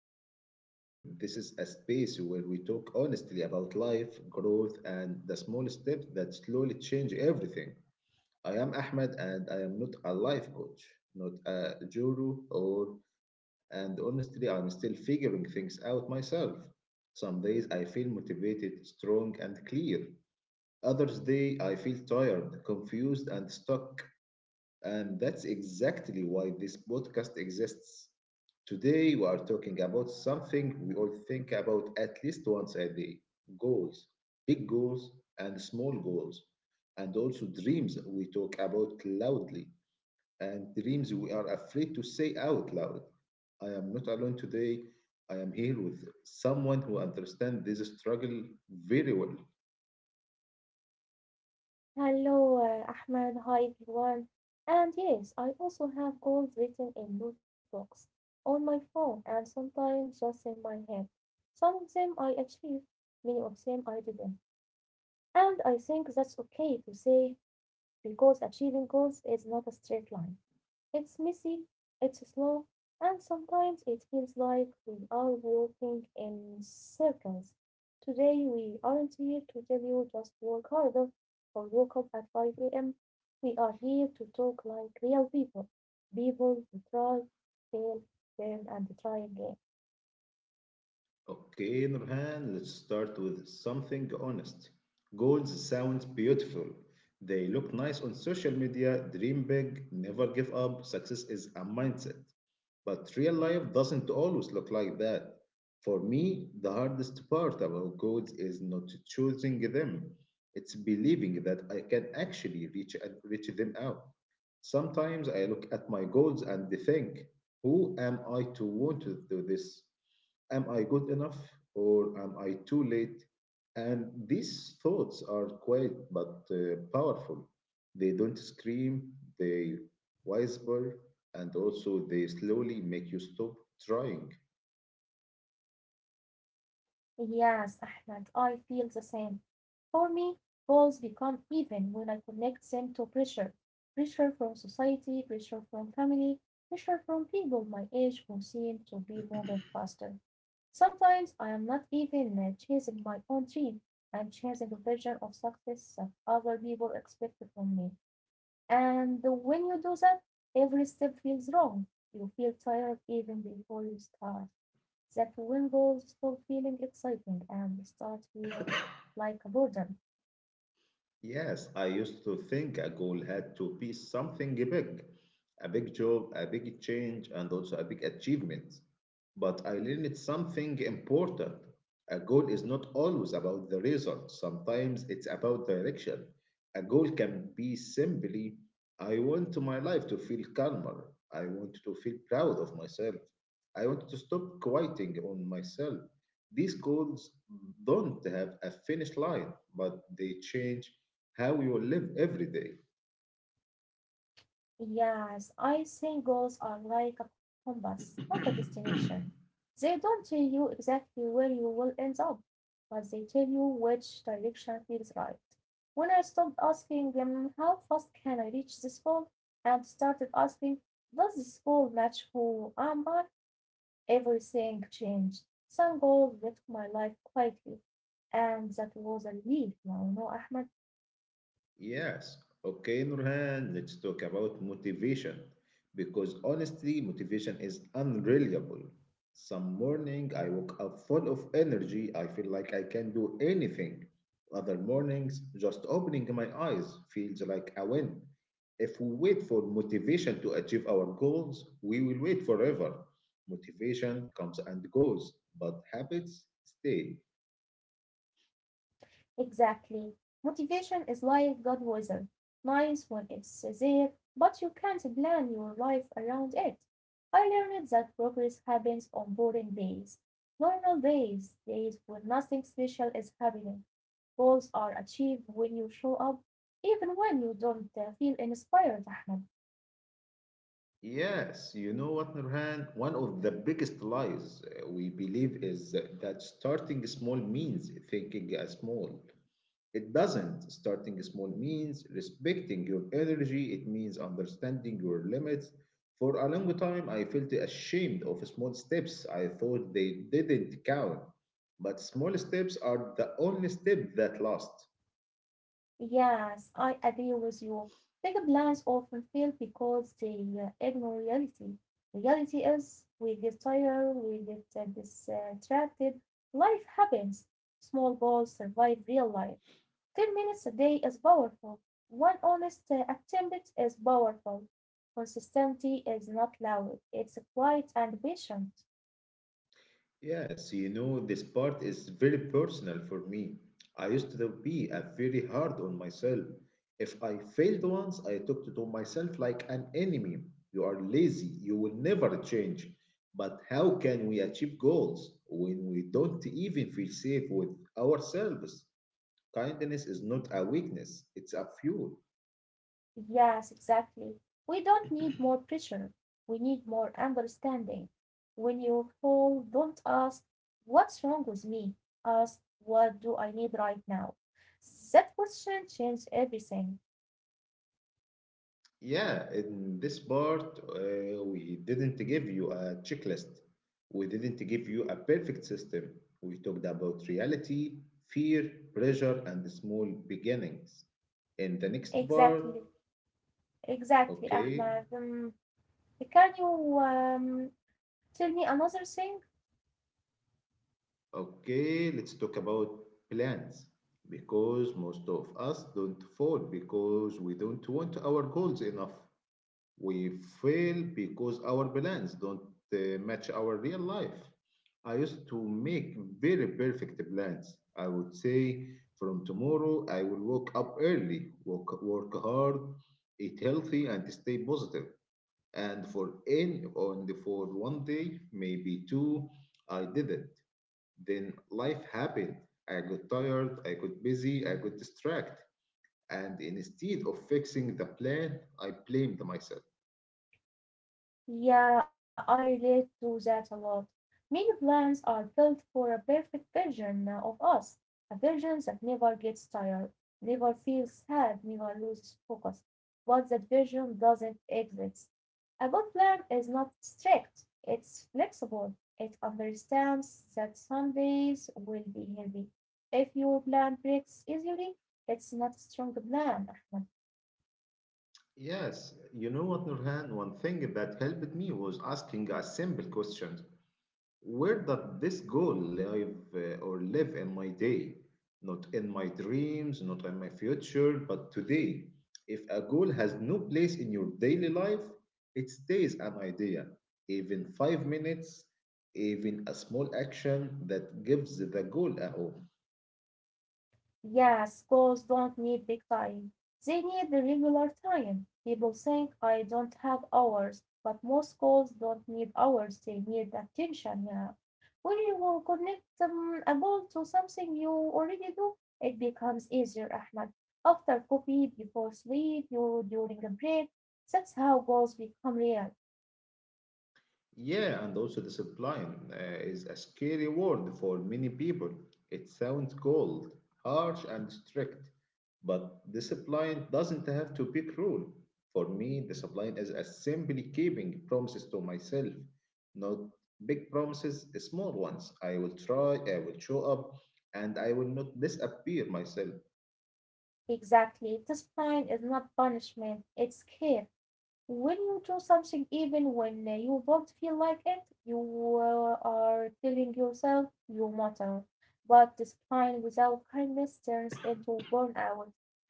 Step by Step. This is a space where we talk honestly about life, growth, and the small steps that slowly change everything. I am Ahmed, and I am not a life coach, not a guru, or and honestly, I'm still figuring things out myself. Some days I feel motivated, strong, and clear. Others day I feel tired, confused, and stuck. And that's exactly why this podcast exists. Today, we are talking about something we all think about at least once a day: goals, big goals, and small goals, and also dreams we talk about loudly, and dreams we are afraid to say out loud. I am not alone today. I am here with someone who understands this struggle very well. Hello, Ahmed. Hi, everyone. And yes, I also have goals written in notebooks, on my phone, and sometimes just in my head. Some of them I achieved, many of them I didn't. And I think that's okay to say because achieving goals is not a straight line. It's messy, it's slow, and sometimes it feels like we are walking in circles. Today we aren't here to tell you just work harder or woke up at 5 a.m. We are here to talk like real people, people who try, fail, fail, and try again. Okay, Nurhan, let's start with something honest. Goals sound beautiful. They look nice on social media. Dream big, never give up. Success is a mindset. But real life doesn't always look like that. For me, the hardest part about goals is not choosing them. It's believing that I can actually reach them out. Sometimes I look at my goals and think, who am I to want to do this? Am I good enough or am I too late? And these thoughts are quiet but powerful. They don't scream, they whisper, and also they slowly make you stop trying. Yes, Ahmed, I feel the same. For me, goals become even when I connect them to pressure pressure from society, pressure from family, pressure from people my age who seem to be moving faster. Sometimes I am not even chasing my own dream. I'm chasing a version of success that other people expect from me. And when you do that, every step feels wrong. You feel tired even before you start. That when goals stop feeling exciting and start feeling like a burden. Yes, I used to think a goal had to be something big, a big job, a big change, and also a big achievement. But I learned something important. A goal is not always about the result, sometimes it's about direction. A goal can be simply: I want my life to feel calmer, I want to feel proud of myself, I want to stop quieting on myself. These goals don't have a finish line, but they change how you live every day. Yes, I think goals are like a compass, not a destination. They don't tell you exactly where you will end up, but they tell you which direction feels right. When I stopped asking them, how fast can I reach this goal, and started asking, does this goal match who am I? Everything changed. Some goals left my life quietly, and that was a relief, you know, Ahmed. Yes. Okay, Nurhan, let's talk about motivation. Because honestly, motivation is unreliable. Some morning I woke up full of energy. I feel like I can do anything. Other mornings, just opening my eyes feels like a win. If we wait for motivation to achieve our goals, we will wait forever. Motivation comes and goes, but habits stay. Exactly. Motivation is like God weather. Nice when it's there, but you can't plan your life around it. I learned that progress happens on boring days. Normal days, days when nothing special is happening. Goals are achieved when you show up, even when you don't feel inspired, Ahmed. Yes, you know what, Nurhan? One of the biggest lies we believe is that starting small means thinking as small. It doesn't. Starting small means respecting your energy, it means understanding your limits. For a long time, I felt ashamed of small steps. I thought they didn't count. But small steps are the only step that last. Yes, I agree with you. Big plans often fail because they ignore reality. Reality is we get tired, we get distracted. Life happens. Small goals survive real life. 10 minutes a day is powerful. One honest attempt is powerful. Consistency is not loud, it's quiet and patient. Yes, you know, this part is very personal for me. I used to be a very hard on myself. If I failed once, I took to myself like an enemy. You are lazy, you will never change. But how can we achieve goals when we don't even feel safe with ourselves? Kindness is not a weakness, it's a fuel. Yes, exactly. We don't need more pressure. We need more understanding. When you fall, don't ask, what's wrong with me? Ask, what do I need right now? That question changes everything. Yeah, in this part, we didn't give you a checklist. We didn't give you a perfect system. We talked about reality, fear, pressure, and small beginnings. In the next part, Exactly, exactly, okay, Ahmed. Um, Can you tell me another thing? okay, let's talk about plans because most of us don't fall because we don't want our goals enough. We fail because our plans don't match our real life. I used to make very perfect plans. I would say, from tomorrow, I will wake up early, work, work hard, eat healthy, and stay positive. And for in on the for 1 day, maybe two, I did it. Then life happened. I got tired, I got busy, I got distracted. And instead of fixing the plan, I blamed myself. Yeah, I relate to that a lot. Many plans are built for a perfect version of us, a version that never gets tired, never feels sad, never loses focus. But that version doesn't exist. A good plan is not strict, it's flexible. It understands that some days will be heavy. If your plan breaks easily, it's not a strong plan, Ahmed. Yes, you know what, Nurhan? One thing that helped me was asking a simple question. Where does this goal live in my day? Not in my dreams, not in my future, but today. If a goal has no place in your daily life, it stays an idea. Even 5 minutes, even a small action that gives the goal a home. Yeah, schools don't need big time. They need the regular time. People think I don't have hours, but most schools don't need hours. They need attention now. When you will connect a goal to something you already do, it becomes easier, Ahmad. After coffee, before sleep, you during a break. That's how goals become real. Yeah, and also discipline is a scary word for many people. It sounds cold, harsh, and strict, but discipline doesn't have to be cruel. For me, discipline is a simply keeping promises to myself, not big promises, small ones. I will try, I will show up, and I will not disappear myself. Exactly. Discipline is not punishment, it's care. When you do something even when you don't feel like it, you are telling yourself you matter. But discipline without kindness turns into burnout.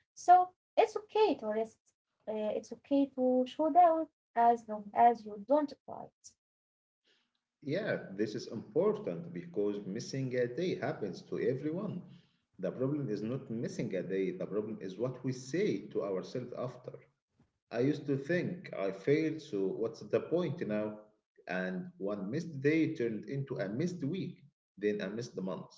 So it's okay to rest. It's okay to show down as long as you don't fight. Yeah, this is important because missing a day happens to everyone. The problem is not missing a day, the problem is what we say to ourselves after. I used to think I failed, so what's the point now? And one missed day turned into a missed week, then a missed month.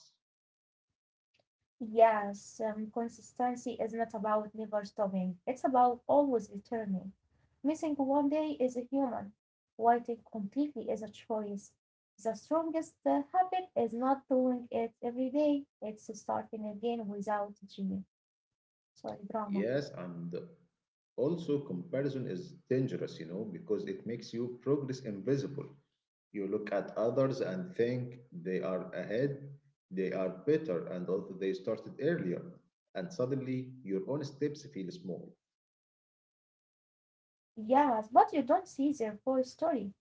Yes, consistency is not about never stopping. It's about always returning. Missing one day is a human. Waiting completely is a choice. The strongest habit is not doing it every day. It's starting again without gym. Sorry, drama. Yes, and also comparison is dangerous, you know, because it makes you progress invisible. You look at others and think they are ahead, they are better, and also they started earlier. And suddenly your own steps feel small. Yes, but you don't see their full story.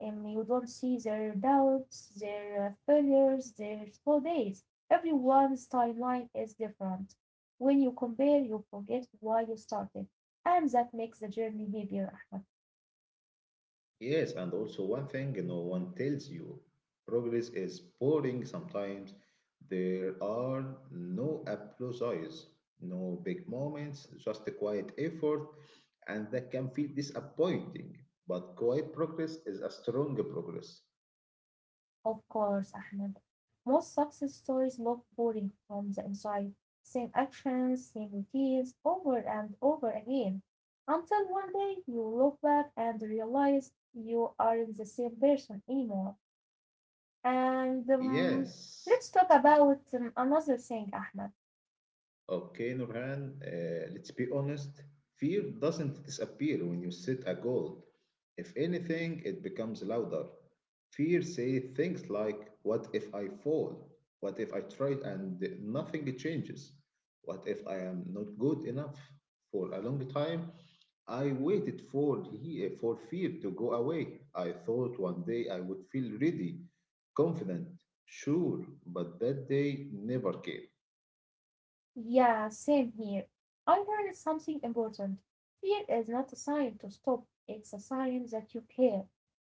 And you don't see their doubts, their failures, their slow days. Everyone's timeline is different. When you compare, you forget why you started, and that makes the journey heavier, Ahmed. Yes, and also one thing no one tells you: progress is boring sometimes. There are no applauses, no big moments, just a quiet effort, and that can feel disappointing. But quiet progress is a strong progress. Of course, Ahmed. Most success stories look boring from the inside. Same actions, same routines, over and over again. Until one day you look back and realize you aren't the same person anymore. And Yes. Let's talk about another thing, Ahmed. Okay, Nurhan, let's be honest. Fear doesn't disappear when you set a goal. If anything, it becomes louder. Fear says things like, what if I fall? What if I try and nothing changes? What if I am not good enough? For a long time, I waited for fear to go away. I thought one day I would feel ready, confident, sure, but that day never came. Yeah, same here. I learned something important. Fear is not a sign to stop, it's a sign that you care.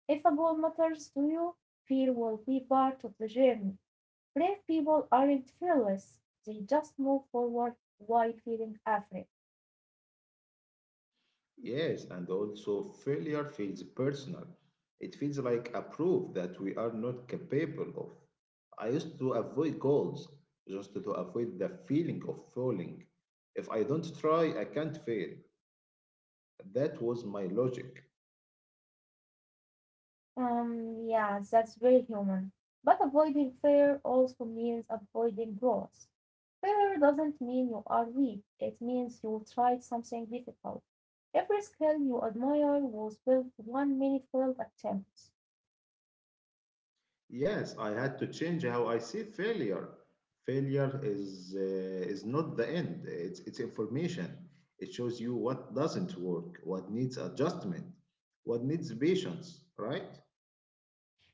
If a goal matters to you, fear will be part of the journey. Brave people aren't fearless, they just move forward while feeling afraid. Yes, and also failure feels personal. It feels like a proof that we are not capable of. I used to avoid goals just to avoid the feeling of falling. If I don't try, I can't fail. That was my logic. Yeah, that's very human. But avoiding fear also means avoiding growth. Failure doesn't mean you are weak, it means you tried something difficult. Every skill you admire was built with one many failed attempts. Yes, I had to change how I see failure. Failure is not the end. It's information. It shows you what doesn't work, what needs adjustment, what needs patience, right?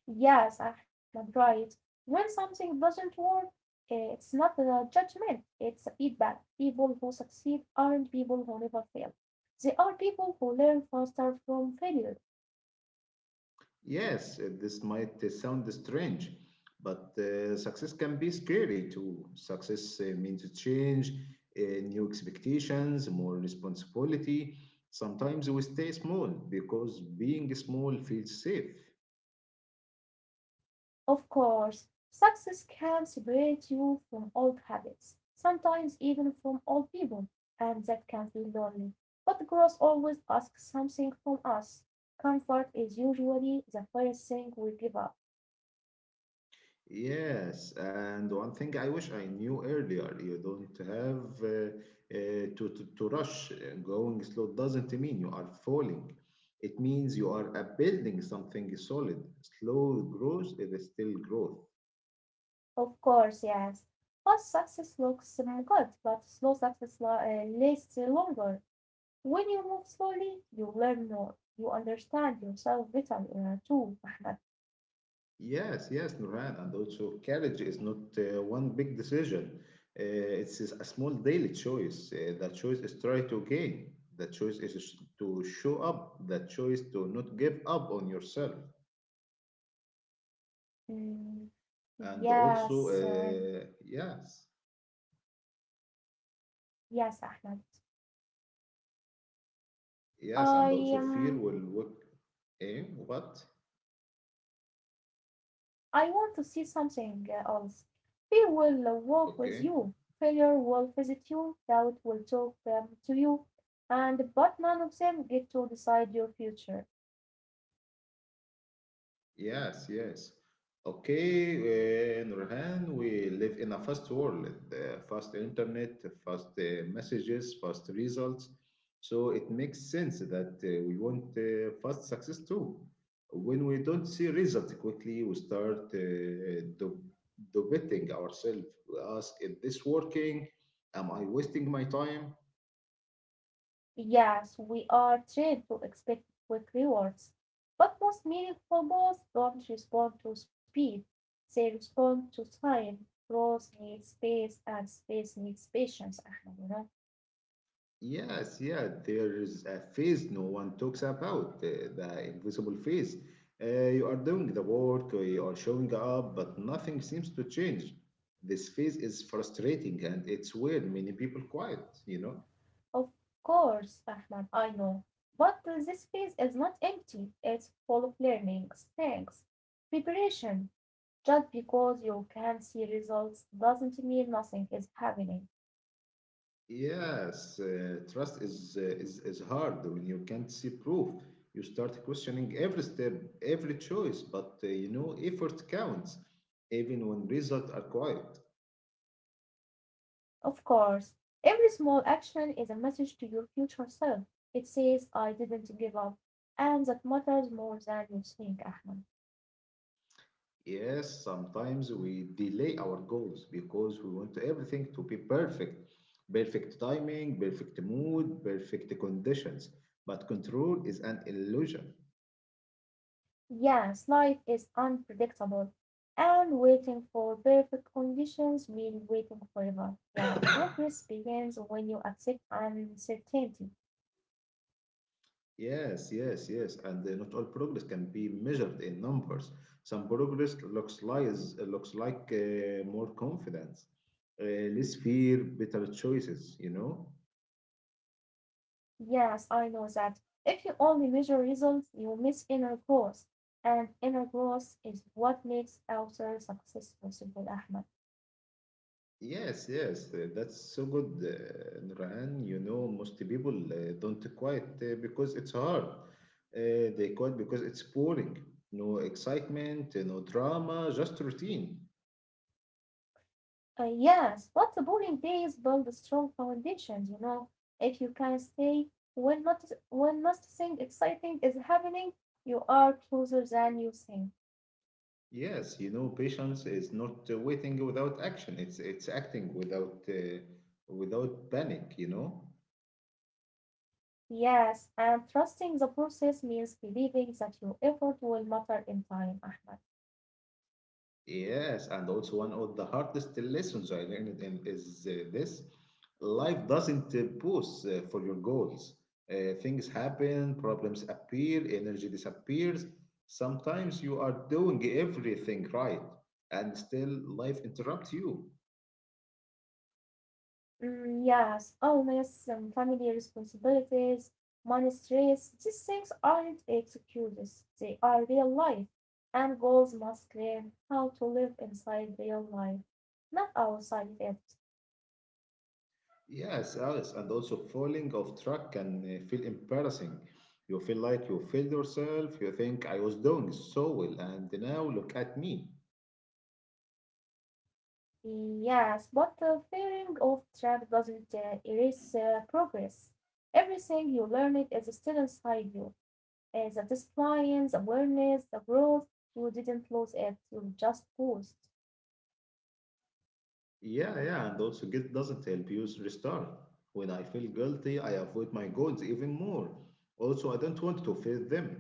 Yes, Ahmed, right. When something doesn't work, it's not a judgment, it's a feedback. People who succeed aren't people who never fail. They are people who learn faster from failure. Yes, this might sound strange, but success can be scary too. Success means change, new expectations, more responsibility. Sometimes we stay small because being small feels safe. Of course, success can separate you from old habits, sometimes even from old people, and that can feel lonely. But growth always asks something from us. Comfort is usually the first thing we give up. Yes, and one thing I wish I knew earlier, you don't have to rush. Going slow doesn't mean you are falling. It means you are building something solid. Slow growth is still growth. Of course, yes. Fast success looks good, but slow success lasts longer. When you move slowly, you learn more. You understand yourself better too, Ahmed. Yes, yes, Nurhan, and also courage is not one big decision. Uh, it's is a small daily choice. The choice is try to gain. The choice to show up. The choice to not give up on yourself. Mm, And also yes, yes, yes, Ahmed. yes and I also fear um will work, eh? What? I want to see something else. Fear will walk with Okay. you. Failure will visit you. Doubt will talk to you. And but none of them get to decide your future. Yes, yes. Okay, Nurhan, we live in a fast world, fast internet, fast messages, fast results. So it makes sense that we want fast success too. When we don't see results quickly, we start debating ourselves. We ask, is this working? Am I wasting my time? Yes, we are trained to expect quick rewards, but most meaningful goals don't respond to speed. They respond to time. Growth needs space, and space needs patience. Ahmed, you know. Yes, yeah, there is a phase no one talks about, the invisible phase. You are doing the work, you are showing up, but nothing seems to change. This phase is frustrating and it's weird. Many people quiet, you know? Of course, Ahmed, I know. But this phase is not empty. It's full of learning, strength, preparation. Just because you can't see results doesn't mean nothing is happening. Yes, trust is hard when you can't see proof. You start questioning every step, every choice, but you know, effort counts, even when results are quiet. Of course, every small action is a message to your future self. It says, I didn't give up. And that matters more than you think, Ahmed. Yes, sometimes we delay our goals because we want everything to be perfect. Perfect timing, perfect mood, perfect conditions. But control is an illusion. Yes, life is unpredictable, and waiting for perfect conditions means waiting forever. Yeah, progress begins when you accept uncertainty. Yes, yes, yes. And not all progress can be measured in numbers. Some progress looks like more confidence, less fear, better choices, you know? Yes, I know that. If you only measure results, you miss inner growth, and inner growth is what makes outer success possible, Ahmed. Yes, yes, that's so good, Nurhan. You know, most people don't quit because it's hard. They quit because it's boring. No excitement, no drama, just routine. Yes, but the boring days build strong foundations, you know. If you can stay when not when nothing exciting is happening, you are closer than you think. Yes, you know, patience is not waiting without action. It's acting without without panic, you know. Yes, and trusting the process means believing that your effort will matter in time, Ahmed. Yes, and also one of the hardest lessons I learned in is this: life doesn't pause for your goals. Things happen, problems appear, energy disappears. Sometimes you are doing everything right, and still life interrupts you. Mm, yes, always family responsibilities, money stress, these things aren't excuses, they are real life, and goals must learn how to live inside real life, not outside it. Yes, Alice, and also falling off track can feel embarrassing. You feel like you failed yourself. You think I was doing so well, and now look at me. Yes, but the fearing of trap doesn't erase progress. Everything you learned is still inside you, as a discipline, the awareness, the growth, you didn't lose it, you just paused. Yeah, yeah, and also guilt doesn't help you restart. When I feel guilty, I avoid my goals even more. Also, I don't want to fail them.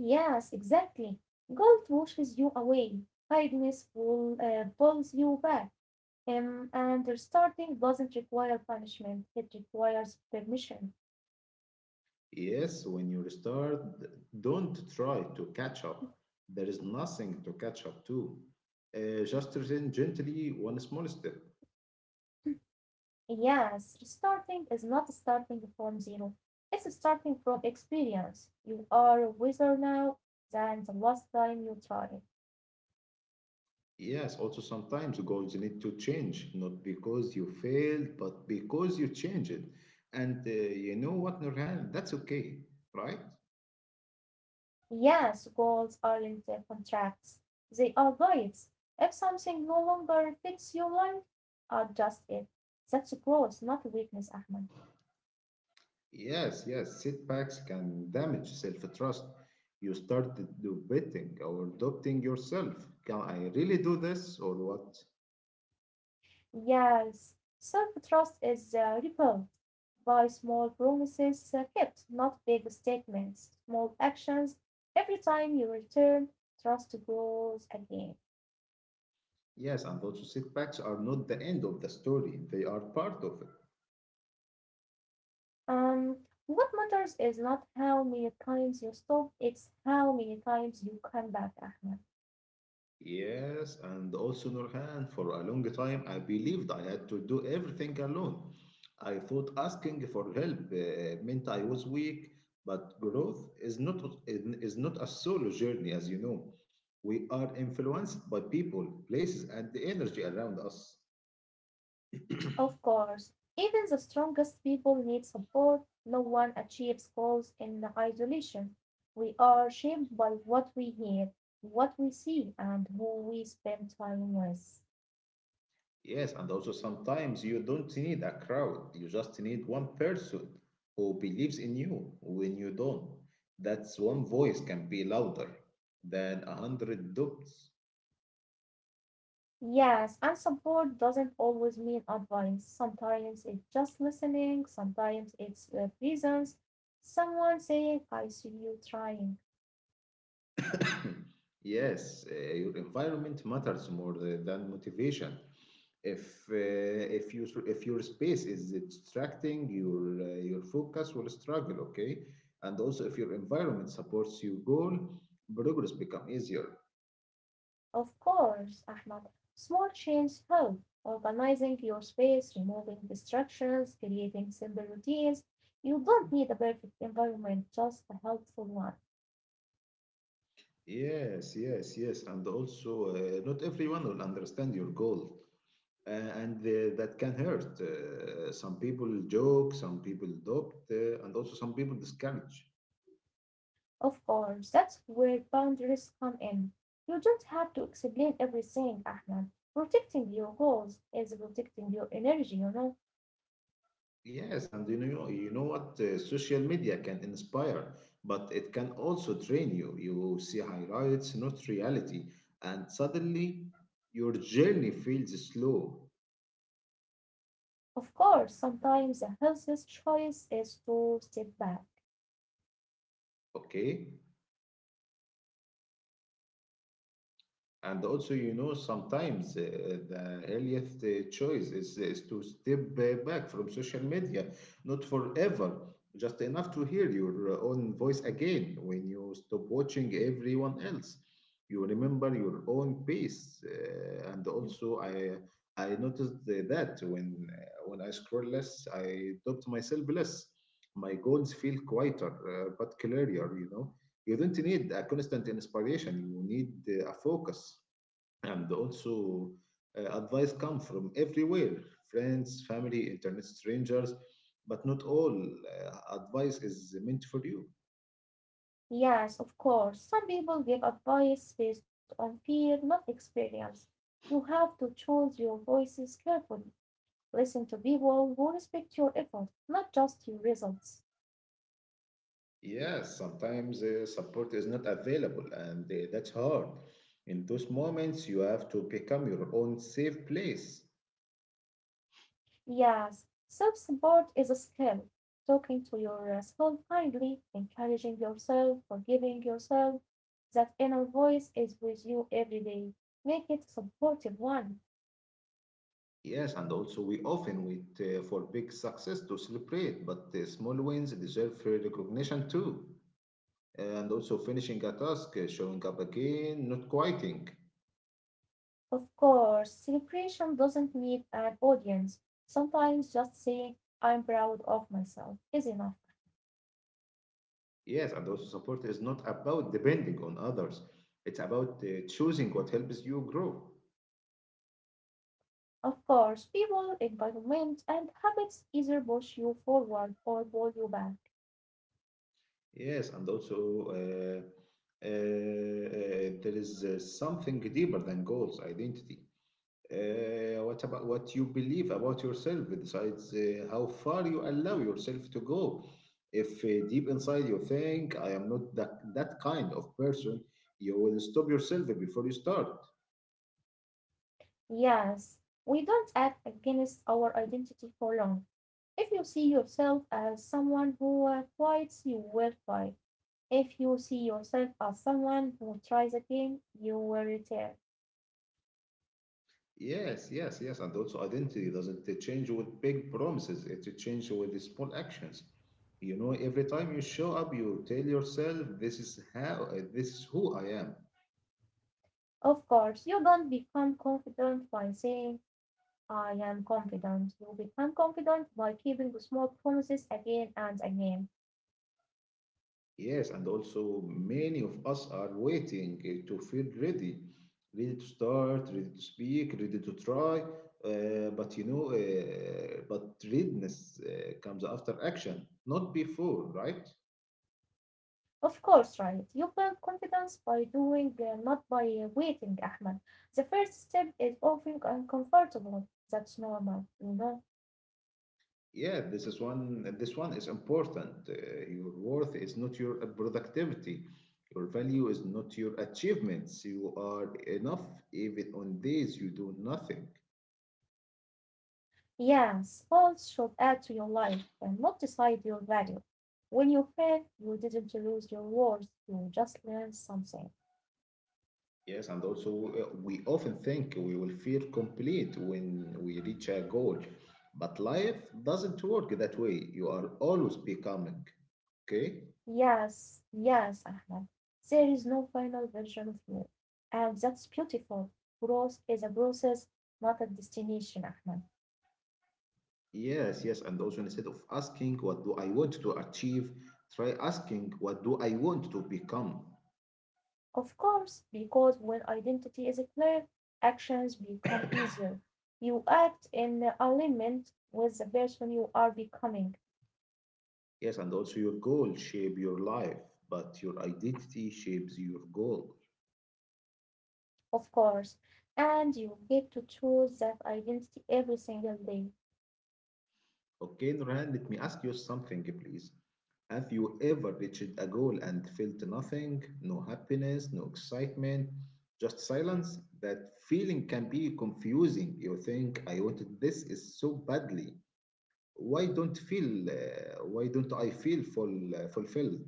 Yes, exactly. Guilt washes you away. Kindness pulls you back. And restarting doesn't require punishment, it requires permission. Yes, when you restart, don't try to catch up. There is nothing to catch up to. Just return gently, one small step. Yes, restarting is not starting from zero, it's starting from experience. You are wiser now than the last time you tried. Yes, also sometimes goals need to change, not because you failed, but because you changed. And you know what, Nurhan? That's okay, right? Yes, goals aren't contracts, they are guides. If something no longer fits your life, adjust it. That's growth, not weakness, Ahmed. Yes, yes, setbacks can damage self-trust. You start debating or doubting yourself. Can I really do this or what? Yes, self trust is rebuilt by small promises kept, not big statements, small actions. Every time you return, trust grows again. Yes, and also setbacks are not the end of the story. They are part of it. Um, what matters is not how many times you stop, it's how many times you come back, Ahmed. Yes, and also Nurhan, for a long time I believed I had to do everything alone. I thought asking for help meant I was weak, but growth is not a solo journey, as you know. We are influenced by people, places, and the energy around us. Of course, even the strongest people need support. No one achieves goals in isolation. We are shaped by what we hear, what we see, and who we spend time with. Yes, and also sometimes you don't need a crowd. You just need one person who believes in you when you don't. That's one voice can be louder than a hundred doubts. Yes, and support doesn't always mean advice. Sometimes it's just listening, sometimes it's presence, someone saying, I see you trying. Yes, your environment matters more than motivation. If uh, if you if your space is distracting, your focus will struggle. Okay, and also if your environment supports your goal, progress become easier. Of course, Ahmad. Small changes help. Organizing your space, removing distractions, creating simple routines. You don't need a perfect environment, just a helpful one. Yes, yes, yes. And also, not everyone will understand your goal, and that can hurt. Some people joke, some people adopt, and also some people discourage. Of course, that's where boundaries come in. You don't have to explain everything, Ahmad. Protecting your goals is protecting your energy, you know. Yes, and you know what? Social media can inspire, but it can also drain you. You see highlights, not reality, and suddenly your journey feels slow. Of course, sometimes the healthiest choice is to step back. Okay, and also, you know, sometimes the healthiest choice is to step back from social media, not forever, just enough to hear your own voice again when you stop watching everyone else. You remember your own pace, and also I noticed that when I scroll less, I adopt myself less. My goals feel quieter, but clearer, you know you don't need a constant inspiration you need a focus and also advice come from everywhere friends family internet strangers but not all advice is meant for you Yes, of course. Some people give advice based on fear, not experience. You have to choose your voices carefully. Listen to people who respect your effort, not just your results. yes sometimes support is not available and that's hard in those moments you have to become your own safe place. Yes, self support is a skill. Talking to yourself kindly, encouraging yourself, forgiving yourself. That inner voice is with you every day. Make it a supportive one. Yes, and also we often wait for big success to celebrate, but the small wins deserve recognition too. And also finishing a task, showing up again, not quitting. Of course, celebration doesn't need an audience. Sometimes just saying I'm proud of myself is enough. Yes, and also support is not about depending on others. It's about choosing what helps you grow. Of course, people, environment, and habits either push you forward or pull you back. Yes, and also there is something deeper than goals, identity. What about what you believe about yourself decides how far you allow yourself to go. If deep inside you think I am not that kind of person, you will stop yourself before you start. Yes, we don't act against our identity for long. If you see yourself as someone who fights, you will fight. If you see yourself as someone who tries again, you will return. Yes, yes, yes. And also, identity doesn't change with big promises, it changes with the small actions. You know, every time you show up, you tell yourself, this is this is who I am. Of course, you don't become confident by saying I am confident. You become confident by keeping small promises again and again. Yes, and also, many of us are waiting to feel ready, ready to start, ready to speak, ready to try. But readiness comes after action, not before, right? Of course, right. You build confidence by doing, not by waiting, Ahmed. The first step is often uncomfortable. That's normal, you know. Yeah, this is one. This one is important. Your worth is not your productivity. Your value is not your achievements. You are enough even on days you do nothing. Yes, goals should add to your life and not decide your value. When you fail, you didn't lose your worth, you just learned something. Yes, and also we often think we will feel complete when we reach a goal, but life doesn't work that way. You are always becoming. Okay? Yes, yes, Ahmed. There is no final version of you. And that's beautiful. Growth is a process, not a destination, Ahmed. Yes, yes. And also, instead of asking, what do I want to achieve? Try asking, what do I want to become? Of course, because when identity is clear, actions become easier. You act in alignment with the person you are becoming, Yes, and also your goal shape your life, but your identity shapes your goal. of course, and you get to choose that identity every single day. Okay, Nurhan, let me ask you something, please. Have you ever reached a goal and felt nothing, no happiness, no excitement, just silence? That feeling can be confusing. You think I wanted this is so badly. Why don't feel? Why don't I feel fulfilled?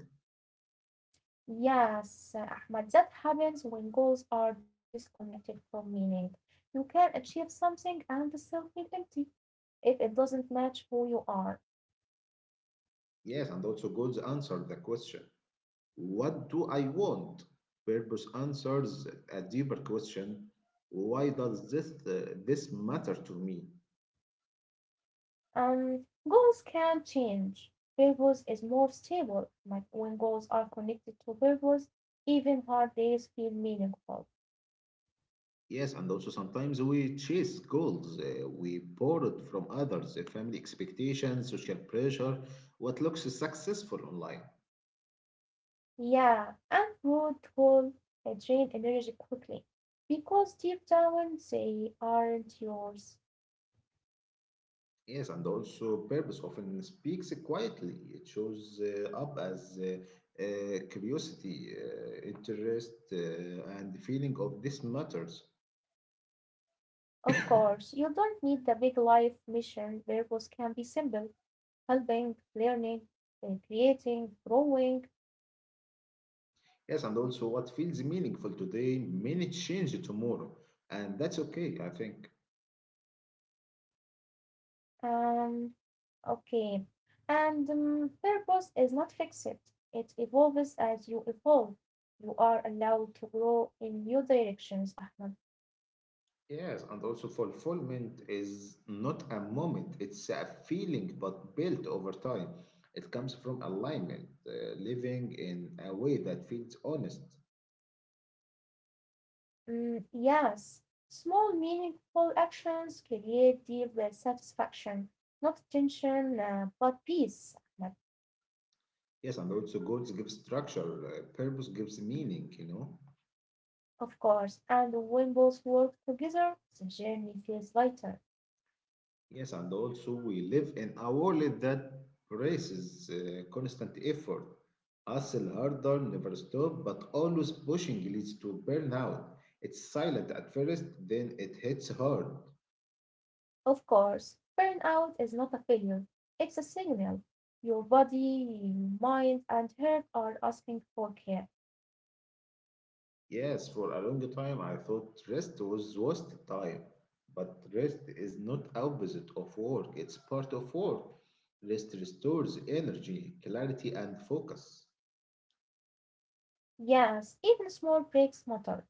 Yes, Ahmad, that happens when goals are disconnected from meaning. You can achieve something and still feel empty if it doesn't match who you are. Yes, and also God's answer the question. What do I want? Purpose answers a deeper question. Why does this matter to me? Um, Goals can change. Purpose is more stable Ahmad, when goals are connected to purpose. Even hard days feel meaningful. Yes, and also sometimes we chase goals we borrowed from others, family expectations, social pressure, what looks successful online. Yeah, and root goals drain energy quickly because deep down they aren't yours. Yes, and also purpose often speaks quietly. It shows up as curiosity, interest, and the feeling of this matters. Of course, you don't need the big life mission; purpose can be simple: helping, learning, creating, growing. Yes, and also what feels meaningful today may change tomorrow, and that's okay, I think. Um, okay. And purpose is not fixed. It evolves as you evolve. You are allowed to grow in new directions, Ahmed. Yes, and also fulfillment is not a moment, it's a feeling but built over time. It comes from alignment, living in a way that feels honest. Mm, yes, small meaningful actions create deep satisfaction, not tension, but peace, Ahmed. Yes, and also goals give structure, purpose gives meaning, you know. Of course, and when both work together the journey feels lighter. Yes, and also we live in a world that raises constant effort. Hustle harder, never stop, but always pushing leads to burnout. It's silent at first, then it hits hard. Of course, burnout is not a failure, it's a signal. Your body, your mind, and heart are asking for care. Yes, for a long time I thought rest was wasted time, but rest is not opposite of work, it's part of work. Rest restores energy, clarity, and focus. Yes, even small breaks matter.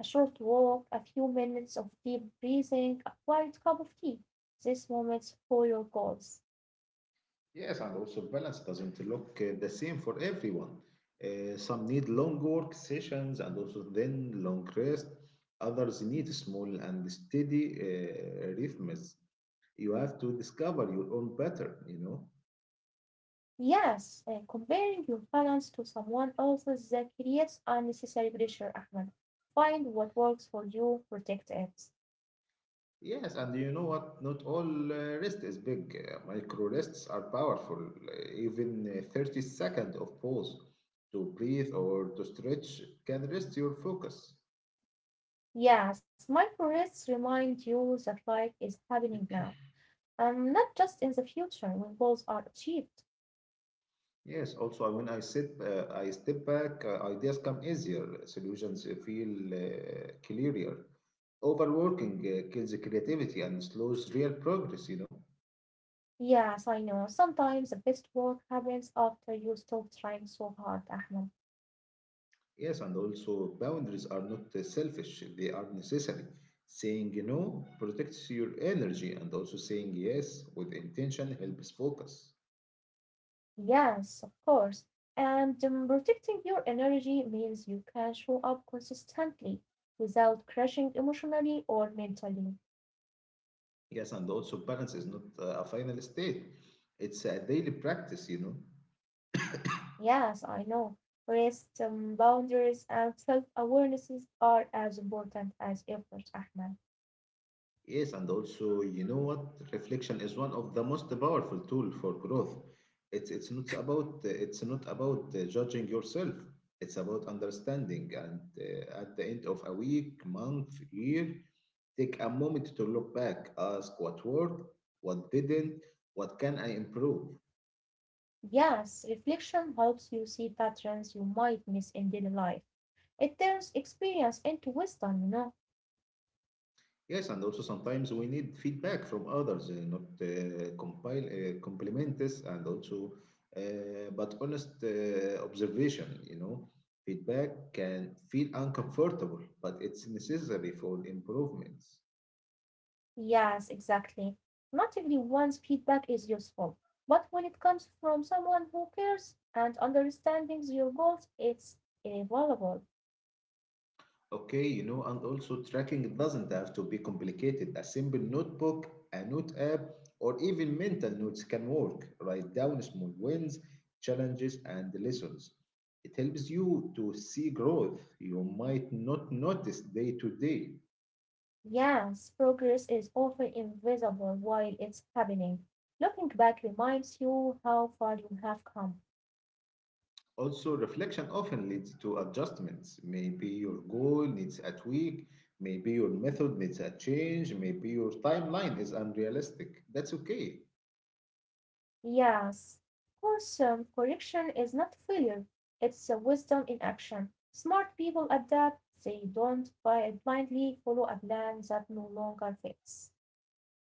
A short walk, a few minutes of deep breathing, a quiet cup of tea. These moments for your goals. Yes, and also balance doesn't look the same for everyone. Some need long work sessions and also then long rest. Others need small and steady rhythms. You have to discover your own pattern, you know. Yes, comparing your balance to someone else's that creates unnecessary pressure, Ahmed. Find what works for you, protect it. Yes, and you know what? Not all rest is big. Micro rests are powerful. Even 30 seconds of pause to breathe or to stretch can rest your focus. Yes, micro-rests remind you that life is happening now, and not just in the future when goals are achieved. Yes, also when I sit, I step back, ideas come easier, solutions feel clearer. Overworking kills creativity and slows real progress, you know. Yes, I know. Sometimes the best work happens after you stop trying so hard, Ahmed. Yes, and also boundaries are not selfish, they are necessary. Saying no protects your energy, and also saying yes with intention helps focus. Yes, of course. And protecting your energy means you can show up consistently without crashing emotionally or mentally. Yes, and also balance is not a final state, it's a daily practice, you know. Yes, I know. Rest, boundaries, and self-awarenesses are as important as effort, Ahmed. Yes, and also, you know what? Reflection is one of the most powerful tool for growth. It's not about judging yourself. It's about understanding. And at the end of a week, month, year, take a moment to look back, ask what worked, what didn't, what can I improve. Yes, reflection helps you see patterns you might miss in daily life. It turns experience into wisdom, you know. Yes, and also sometimes we need feedback from others, not compile compliments, but honest observation. You know, feedback can feel uncomfortable, but it's necessary for improvements. Yes, exactly. Not everyone's feedback is useful, but when it comes from someone who cares and understands your goals, it's invaluable. Okay, you know, and also tracking doesn't have to be complicated. A simple notebook, a note app, or even mental notes can work. Write down small wins, challenges, and lessons. It helps you to see growth you might not notice day to day. Yes, progress is often invisible while it's happening. Looking back reminds you how far you have come. Also, reflection often leads to adjustments. Maybe your goal needs a tweak, maybe your method needs a change, maybe your timeline is unrealistic. That's okay. Yes, of course, correction is not failure, it's a wisdom in action. Smart people adapt, they don't blindly follow a plan that no longer fits.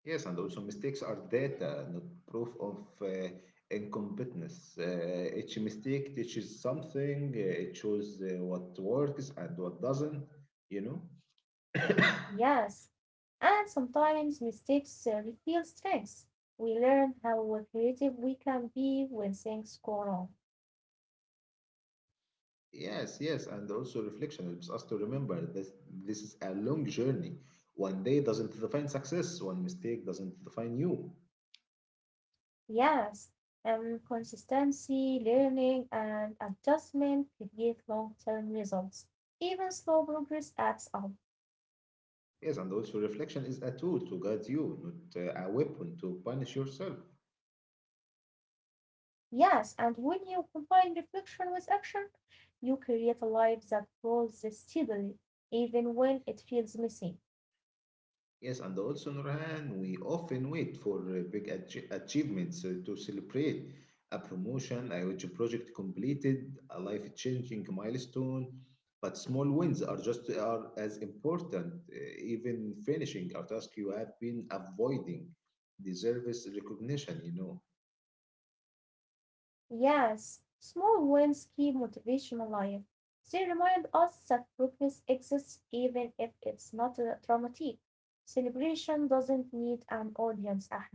Yes, and also mistakes are data, not proof of incompetence. Each mistake teaches something, it shows what works and what doesn't, you know? Yes, and sometimes mistakes reveal strengths. We learn how creative we can be when things go wrong. Yes, yes, and also reflection helps us to remember that this is a long journey. One day doesn't define success, one mistake doesn't define you. Yes, consistency, learning, and adjustment create long-term results. Even slow progress adds up. Yes, and also reflection is a tool to guide you, not a weapon to punish yourself. Yes, and when you combine reflection with action, you create a life that grows steadily, even when it feels messy. Yes, and also, Nurhan, we often wait for big achievements to celebrate a promotion, a huge project completed, a life-changing milestone. But small wins are just are as important. Even finishing a task you have been avoiding deserves recognition, you know. Yes, small wins keep motivation alive. They remind us that progress exists even if it's not dramatic. Celebration doesn't need an audience, Ahmed.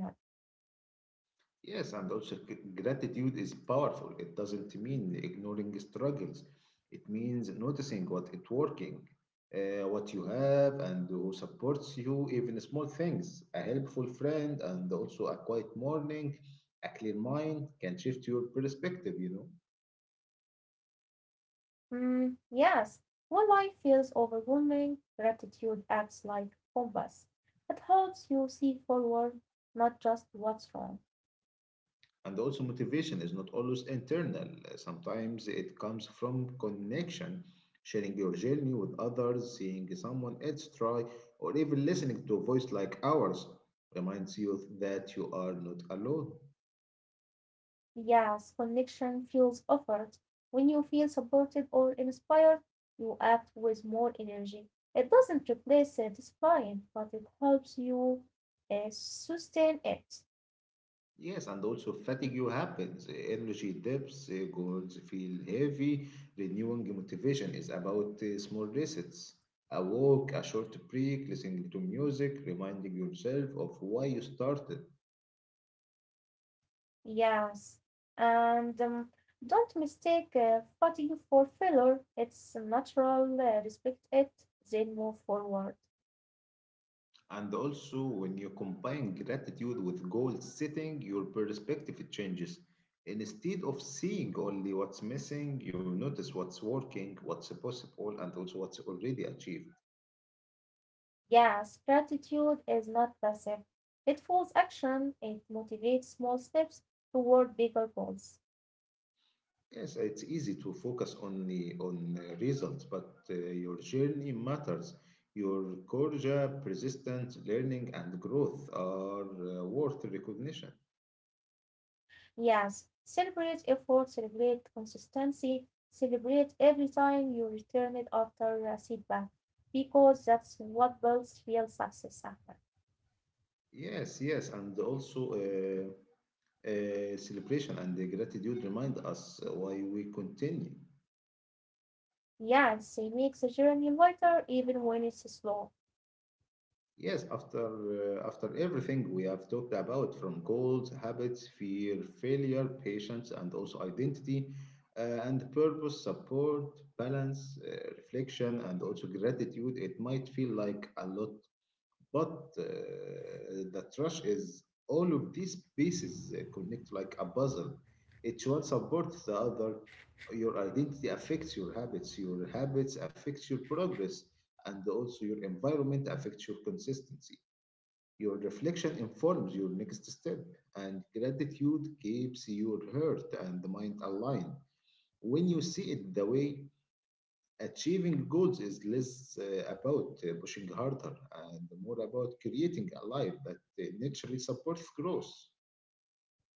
Yes, and also gratitude is powerful. It doesn't mean ignoring struggles. It means noticing what it working, what you have, and who supports you, even small things. A helpful friend and also a quiet morning, a clear mind can shift your perspective, you know. Hmm, yes, when life feels overwhelming, gratitude acts like compass. It helps you see forward, not just what's wrong. And also, motivation is not always internal. Sometimes it comes from connection, sharing your journey with others, seeing someone else try, or even listening to a voice like ours reminds you that you are not alone. Yes, connection fuels effort. When you feel supported or inspired, you act with more energy. It doesn't replace satisfying, but it helps you sustain it. Yes, and also fatigue you happens, energy dips, goals feel heavy. Renewing your motivation is about small resets. A walk, a short break, listening to music, reminding yourself of why you started. Yes, and don't mistake fatigue for failure. It's natural. Respect it, then move forward. And also, when you combine gratitude with goal setting, your perspective changes. Instead of seeing only what's missing, you notice what's working, what's possible, and also what's already achieved. Yes, gratitude is not passive. It follows action. It motivates small steps toward bigger goals. Yes, it's easy to focus only on results, but your journey matters. Your courage, persistence, learning, and growth are worth recognition. Yes, celebrate effort, celebrate consistency, celebrate every time you return it after a setback, because that's what builds real success, Ahmed. Yes, yes, and also. Celebration and the gratitude remind us why we continue. Yes, it makes the journey lighter even when it's slow. Yes, after everything we have talked about, from goals, habits, fear, failure, patience, and also identity, and purpose, support, balance, reflection, and also gratitude, it might feel like a lot. But the trash is all of these pieces connect like a puzzle. Each one supports the other. Your identity affects your habits. Your habits affects your progress, and also your environment affects your consistency. Your reflection informs your next step, and gratitude keeps your heart and mind aligned. When you see it the way achieving goals is less about pushing harder and more about creating a life that naturally supports growth.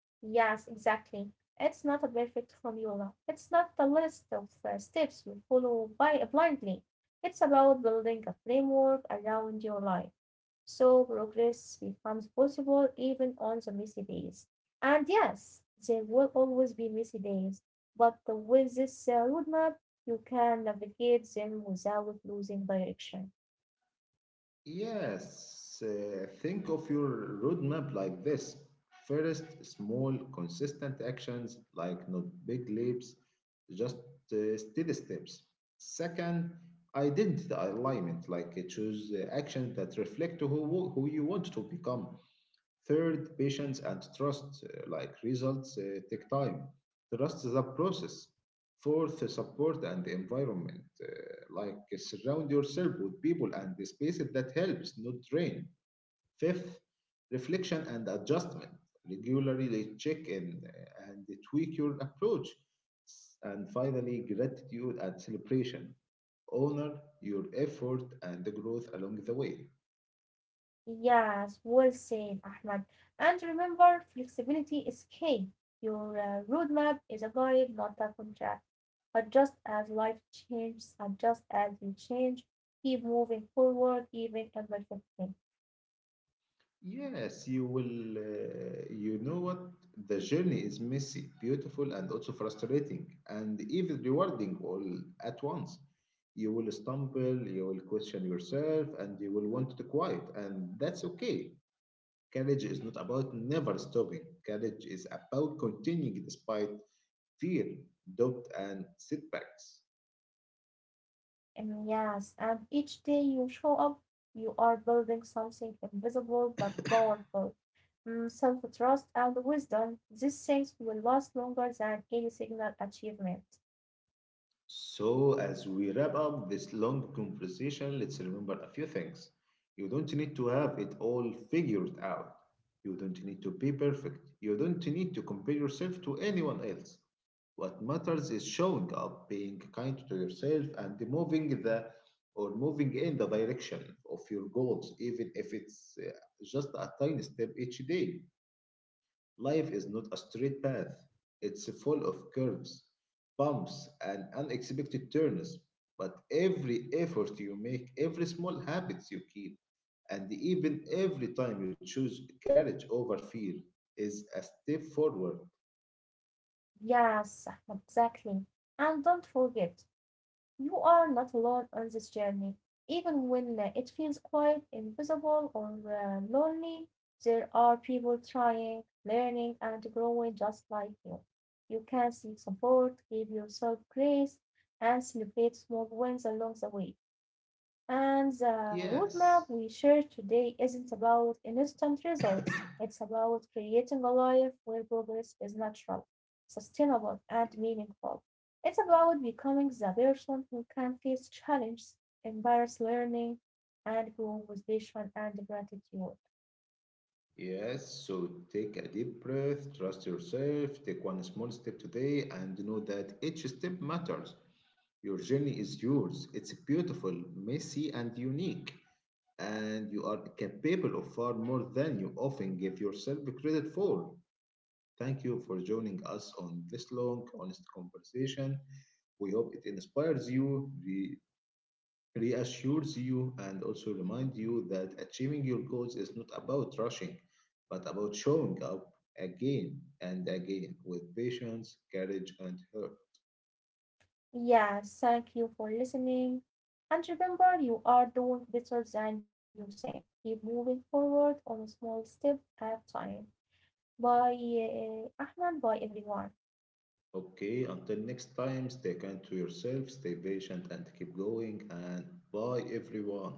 Yes, exactly. It's not a perfect formula. It's not a list of steps you follow by blindly. It's about building a framework around your life. So progress becomes possible even on the messy days. And yes, there will always be messy days, but with this roadmap, you can navigate them without losing direction. Yes, think of your roadmap like this. First, small, consistent actions, like not big leaps, just steady steps. Second, identity alignment, like choose actions that reflect who you want to become. Third, patience and trust, like results, take time. Trust the process. Fourth, support and the environment, like surround yourself with people and the spaces that helps, not drain. Fifth, reflection and adjustment. Regularly check in and tweak your approach. And finally, gratitude and celebration. Honor your effort and the growth along the way. Yes, well said, Ahmad. And remember, flexibility is key. Your roadmap is a guide, not a contract. Adjust as life changes, adjust as you change. Keep moving forward, even imperfectly. Yes, you will. You know what? The journey is messy, beautiful, and also frustrating, and even rewarding all at once. You will stumble, you will question yourself, and you will want to quiet, and that's okay. Courage is not about never stopping. Courage is about continuing despite fear, doubt, and setbacks. And yes, and each day you show up, you are building something invisible but powerful. Mm, self-trust and wisdom, these things will last longer than any single achievement. So, as we wrap up this long conversation, let's remember a few things. You don't need to have it all figured out. You don't need to be perfect. You don't need to compare yourself to anyone else. What matters is showing up, being kind to yourself, and moving in the direction of your goals, even if it's just a tiny step each day. Life is not a straight path. It's full of curves, bumps, and unexpected turns. But every effort you make, every small habits you keep, and even every time you choose courage over fear is a step forward. Yes, Ahmed, exactly. And don't forget, you are not alone on this journey. Even when it feels quite invisible or lonely, there are people trying, learning, and growing just like you. You can seek support, give yourself grace, and celebrate small wins along the way. And the Yes. roadmap we shared today isn't about instant results. It's about creating a life where progress is natural, sustainable, and meaningful. It's about becoming the person who can face challenges, embrace learning, and grow with vision and gratitude. Yes, so take a deep breath, trust yourself, take one small step today, and know that each step matters. Your journey is yours. It's beautiful, messy, and unique. And you are capable of far more than you often give yourself credit for. Thank you for joining us on this long, honest conversation. We hope it inspires you, reassures you and also reminds you that achieving your goals is not about rushing, but about showing up again and again with patience, courage, and hope. Yeah, thank you for listening. And remember, you are doing better than you think. Keep moving forward on a small step at a time. Bye, Ahmed. Bye, everyone. Okay, until next time, stay kind to yourself, stay patient, and keep going. And bye, everyone.